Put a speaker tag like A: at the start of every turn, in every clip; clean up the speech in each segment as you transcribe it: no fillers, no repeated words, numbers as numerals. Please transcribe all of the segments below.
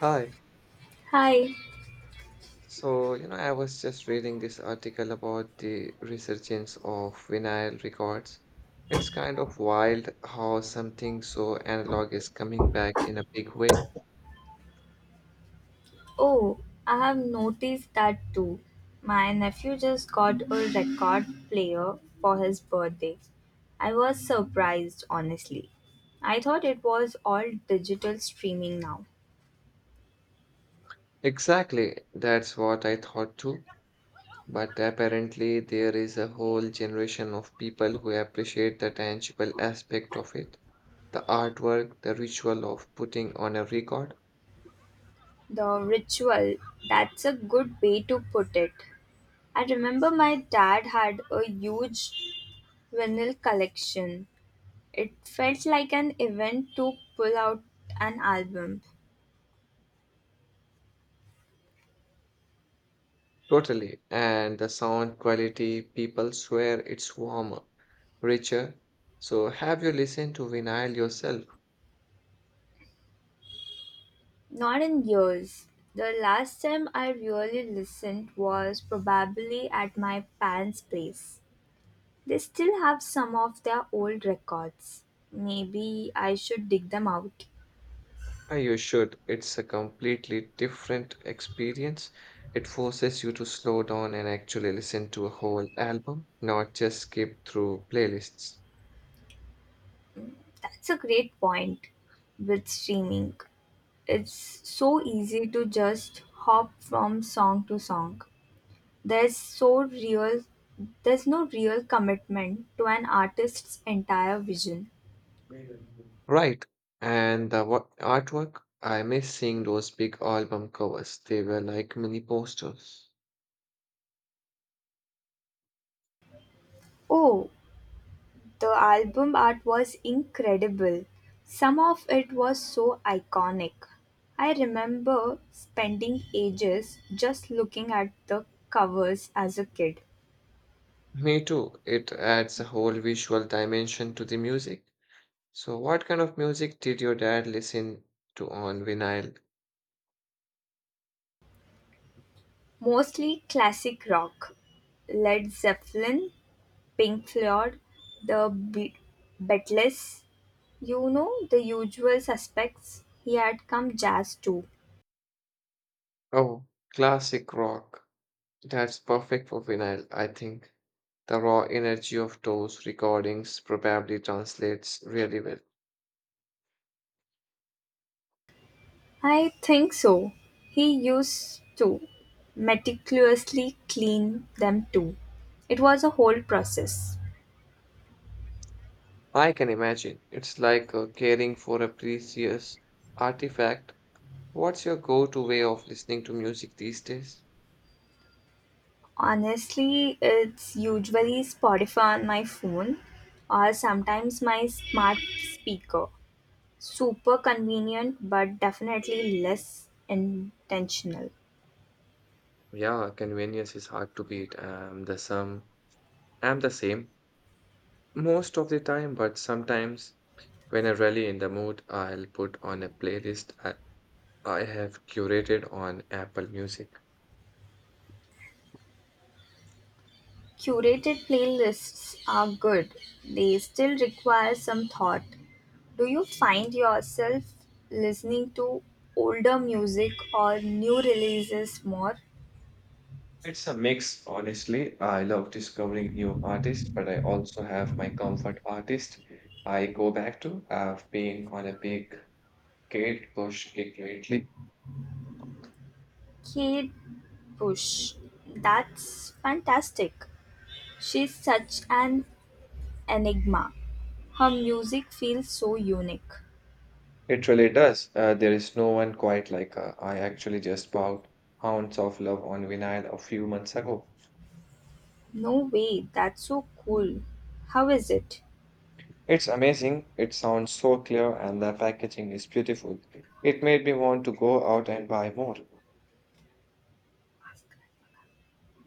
A: Hi.
B: Hi.
A: So, I was just reading this article about the resurgence of vinyl records. It's kind of wild how something so analog is coming back in a big way.
B: Oh, I have noticed that too. My nephew just got a record player for his birthday. I was surprised, honestly. I thought it was all digital streaming now.
A: Exactly, that's what I thought too. But apparently, there is a whole generation of people who appreciate the tangible aspect of it, the artwork, the ritual of putting on a record.
B: The ritual, that's a good way to put it. I remember my dad had a huge vinyl collection. It felt like an event to pull out an album.
A: Totally. And the sound quality, people swear it's warmer, richer. So have you listened to vinyl yourself?
B: Not in years. The last time I really listened was probably at my parents' place. They still have some of their old records. Maybe I should dig them out.
A: Ah, you should. It's a completely different experience. It forces you to slow down and actually listen to a whole album, not just skip through playlists.
B: That's a great point with streaming. It's so easy to just hop from song to song. There's so real there's no real commitment to an artist's entire vision.
A: Right. And the artwork, I miss seeing those big album covers. They were like mini posters.
B: Oh, the album art was incredible; some of it was so iconic. I remember spending ages just looking at the covers as a kid.
A: Me too. It adds a whole visual dimension to the music. So, what kind of music did your dad listen to on vinyl?
B: Mostly classic rock, Led Zeppelin, Pink Floyd, the Be- Beatles, you know, the usual suspects. He had come jazz too.
A: Oh, classic rock. That's perfect for vinyl, I think. The raw energy of those recordings probably translates really well.
B: I think so. He used to meticulously clean them too. It was a whole process.
A: I can imagine. It's like caring for a precious artifact. What's your go-to way of listening to music these days?
B: Honestly, it's usually Spotify on my phone or sometimes my smart speaker. Super convenient, but definitely less intentional.
A: Yeah, convenience is hard to beat. I'm the same. Most of the time, but sometimes when I'm really in the mood, I'll put on a playlist I have curated on Apple Music.
B: Curated playlists are good, they still require some thought. Do you find yourself listening to older music or new releases more?
A: It's a mix, honestly. I love discovering new artists, but I also have my comfort artist I go back to. I've been on a big Kate Bush kick lately.
B: Kate Bush, that's fantastic. She's such an enigma. Her music feels so unique.
A: It really does. There is no one quite like her. I actually just bought Hounds of Love on vinyl a few months ago.
B: No way, that's so cool. How is it?
A: It's amazing. It sounds so clear and the packaging is beautiful. It made me want to go out and buy more.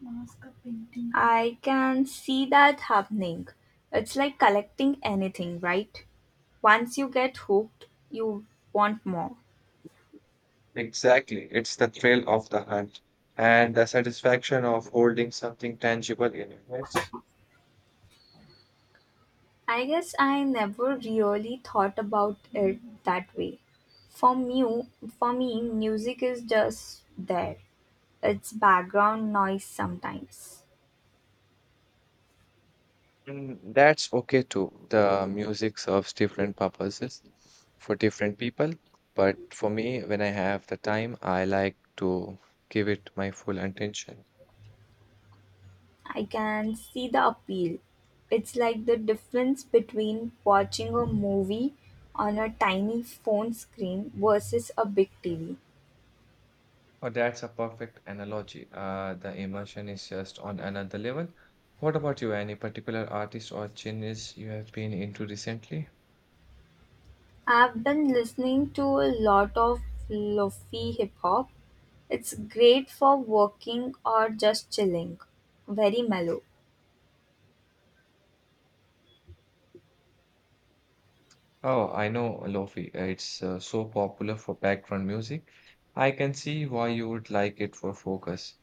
B: Mask painting. I can see that happening. It's like collecting anything, right? Once you get hooked, you want more.
A: Exactly. It's the thrill of the hunt and the satisfaction of holding something tangible in your hands.
B: I guess I never really thought about it that way. For me, for me, music is just there. It's background noise sometimes.
A: And that's okay too. The music serves different purposes for different people. But for me, when I have the time, I like to give it my full attention.
B: I can see the appeal. It's like the difference between watching a movie on a tiny phone screen versus a big TV.
A: Oh, that's a perfect analogy. The immersion is just on another level. What about you? Any particular artist or genres you have been into recently?
B: I've been listening to a lot of lofi hip hop. It's great for working or just chilling. Very mellow.
A: Oh, I know Lofi. It's so popular for background music. I can see why you would like it for focus.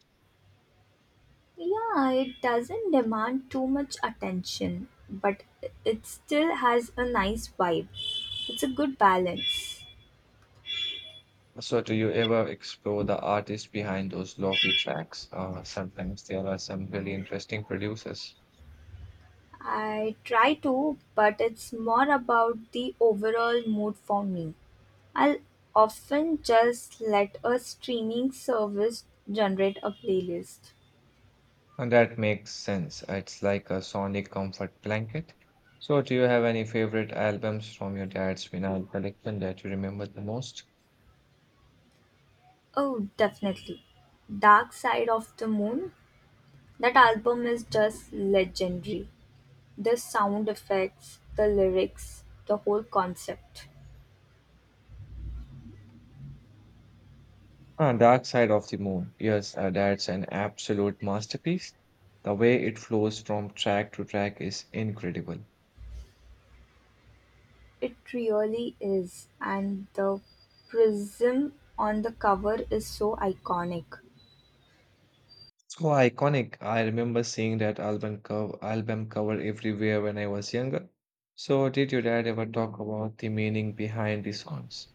B: Yeah, it doesn't demand too much attention, but it still has a nice vibe. It's a good balance.
A: So, do you ever explore the artist behind those Lofi tracks? Sometimes there are some really interesting producers.
B: I try to, but it's more about the overall mood for me. I'll often just let a streaming service generate a playlist.
A: And that makes sense. It's like a sonic comfort blanket. So, do you have any favorite albums from your dad's vinyl collection that you remember the most?
B: Oh, definitely. Dark Side of the Moon. That album is just legendary. The sound effects, the lyrics, the whole concept.
A: Ah, Dark Side of the Moon. Yes, that's an absolute masterpiece. The way it flows from track to track is incredible.
B: It really is. And the prism on the cover is so iconic.
A: So iconic. I remember seeing that album cover everywhere when I was younger. So, did your dad ever talk about the meaning behind the songs?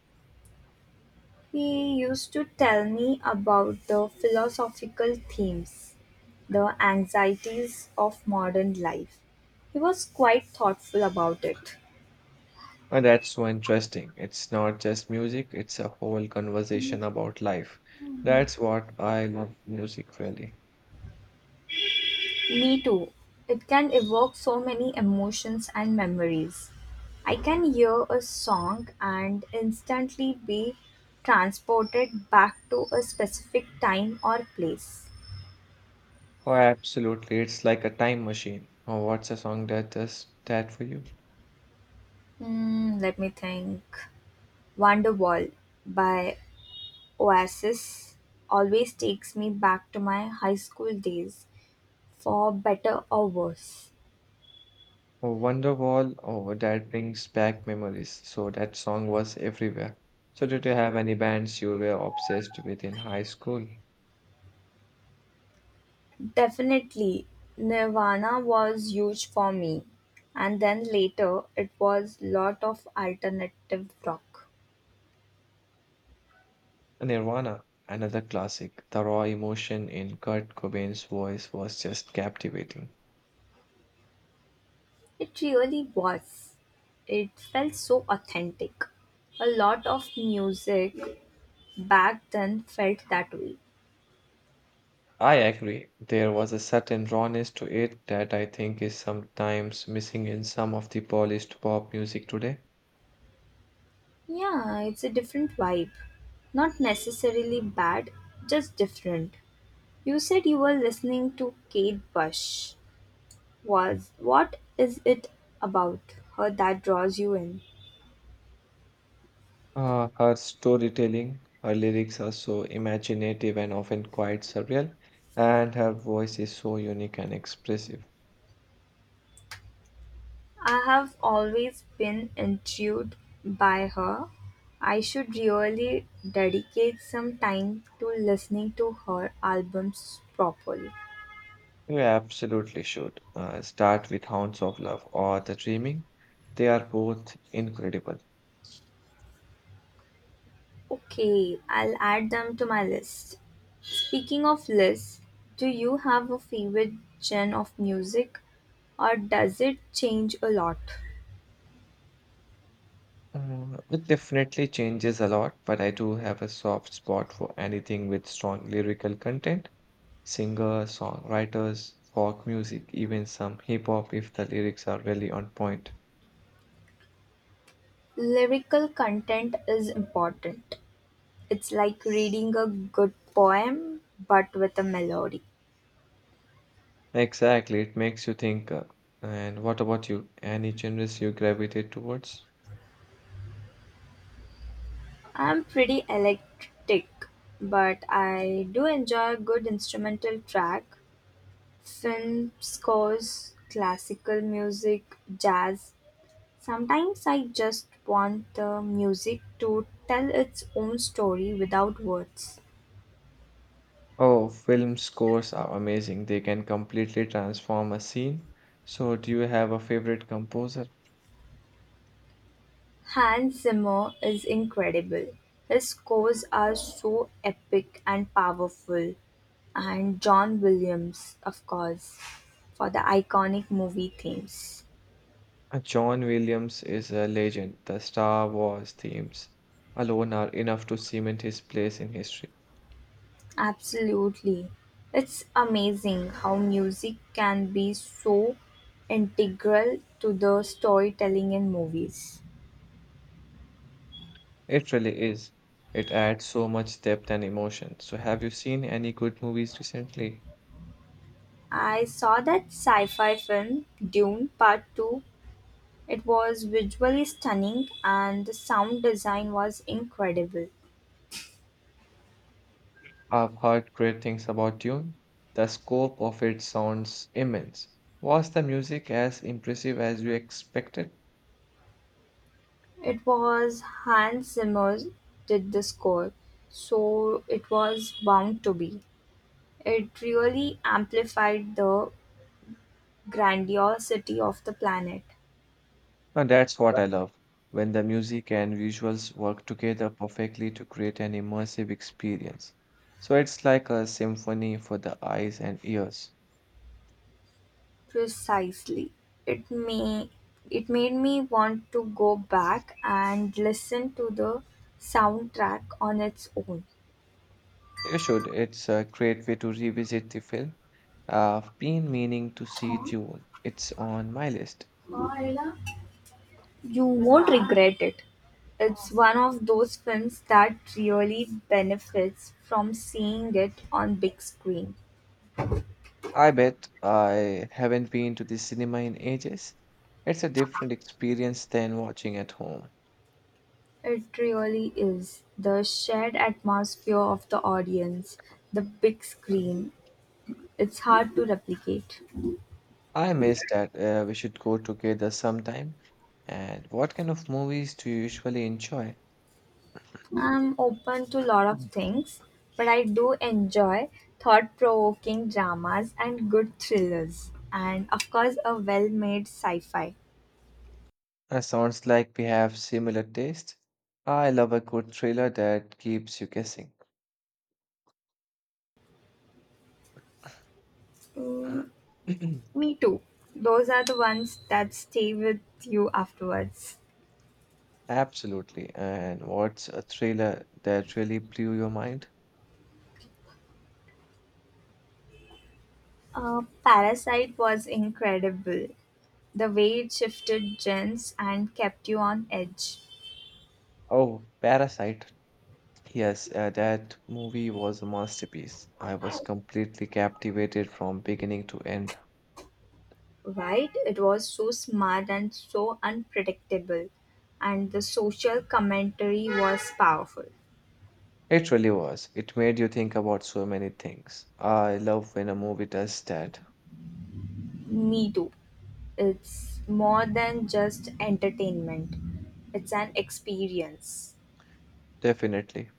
B: He used to tell me about the philosophical themes, the anxieties of modern life. He was quite thoughtful about it.
A: And that's so interesting. It's not just music, it's a whole conversation about life. That's what I love music really.
B: Me too. It can evoke so many emotions and memories. I can hear a song and instantly be transported back to a specific time or place.
A: Oh, absolutely. It's like a time machine. Oh, what's a song that does that for you?
B: Hmm, let me think. Wonderwall by Oasis always takes me back to my high school days, for better or worse.
A: Oh, Wonderwall. Oh, that brings back memories. So that song was everywhere. So did you have any bands you were obsessed with in high school?
B: Definitely, Nirvana was huge for me, and then later it was lot of alternative rock.
A: Nirvana, another classic. The raw emotion in Kurt Cobain's voice was just captivating.
B: It really was. It felt so authentic. A lot of music back then felt that way.
A: I agree. There was a certain rawness to it that I think is sometimes missing in some of the polished pop music today.
B: Yeah, it's a different vibe. Not necessarily bad, just different. You said you were listening to Kate Bush. Was What is it about her that draws you in?
A: Her storytelling, her lyrics are so imaginative and often quite surreal, and her voice is so unique and expressive.
B: I have always been intrigued by her. I should really dedicate some time to listening to her albums properly.
A: You absolutely should start with Hounds of Love or The Dreaming. They are both incredible.
B: Okay, I'll add them to my list. Speaking of lists, do you have a favorite genre of music, or does it change a lot?
A: It definitely changes a lot, but I do have a soft spot for anything with strong lyrical content. Singers, songwriters, folk music, even some hip hop if the lyrics are really on point.
B: Lyrical content is important. It's like reading a good poem but with a melody.
A: Exactly, it makes you think. And what about you? Any genres you gravitate towards?
B: I'm pretty eclectic, but I do enjoy a good instrumental track, film scores, classical music, jazz. Sometimes I just want the music to tell its own story without words.
A: Oh, film scores are amazing. They can completely transform a scene. So, do you have a favorite composer?
B: Hans Zimmer is incredible. His scores are so epic and powerful. And John Williams, of course, for the iconic movie themes.
A: John Williams is a legend. The Star Wars themes alone are enough to cement his place in history.
B: Absolutely. It's amazing how music can be so integral to the storytelling in movies.
A: It really is. It adds so much depth and emotion. So, have you seen any good movies recently?
B: I saw that sci fi film, Dune Part 2. It was visually stunning and the sound design was incredible.
A: I've heard great things about Dune. The scope of it sounds immense. Was the music as impressive as you expected?
B: It was Hans Zimmer did the score, so it was bound to be. It really amplified the grandiosity of the planet.
A: And that's what I love when the music and visuals work together perfectly to create an immersive experience. So, it's like a symphony for the eyes and ears.
B: Precisely. It may it made me want to go back and listen to the soundtrack on its own.
A: You should. It's a great way to revisit the film. I've been meaning to see Dune. It's on my list.
B: You won't regret it. It's one of those films that really benefits from seeing it on big screen.
A: I bet I haven't been to the cinema in ages. It's a different experience than watching at home.
B: It really is. The shared atmosphere of the audience, the big
A: Mhm.
B: screen, it's hard to replicate.
A: I miss that. We should go together sometime. And what kind of movies do you usually enjoy?
B: I'm open to a lot of
A: Mm.
B: things, but I do enjoy thought provoking dramas and good thrillers, and of course, a well made sci fi.
A: Sounds like we have similar taste. I love a good thriller that keeps you guessing.
B: Me too. Those are the ones that stay with you afterwards.
A: Absolutely. And what's a thriller that really blew your mind?
B: Parasite was incredible. The way it shifted gens and kept you on edge.
A: Oh, Parasite. Yes, that movie was a masterpiece. I was completely captivated from beginning to end.
B: Right? It was so smart and so unpredictable. And the social commentary was powerful.
A: It really was. It made you think about so many things. I love when a movie does that.
B: Me too. It's more than just entertainment, it's an experience.
A: Definitely.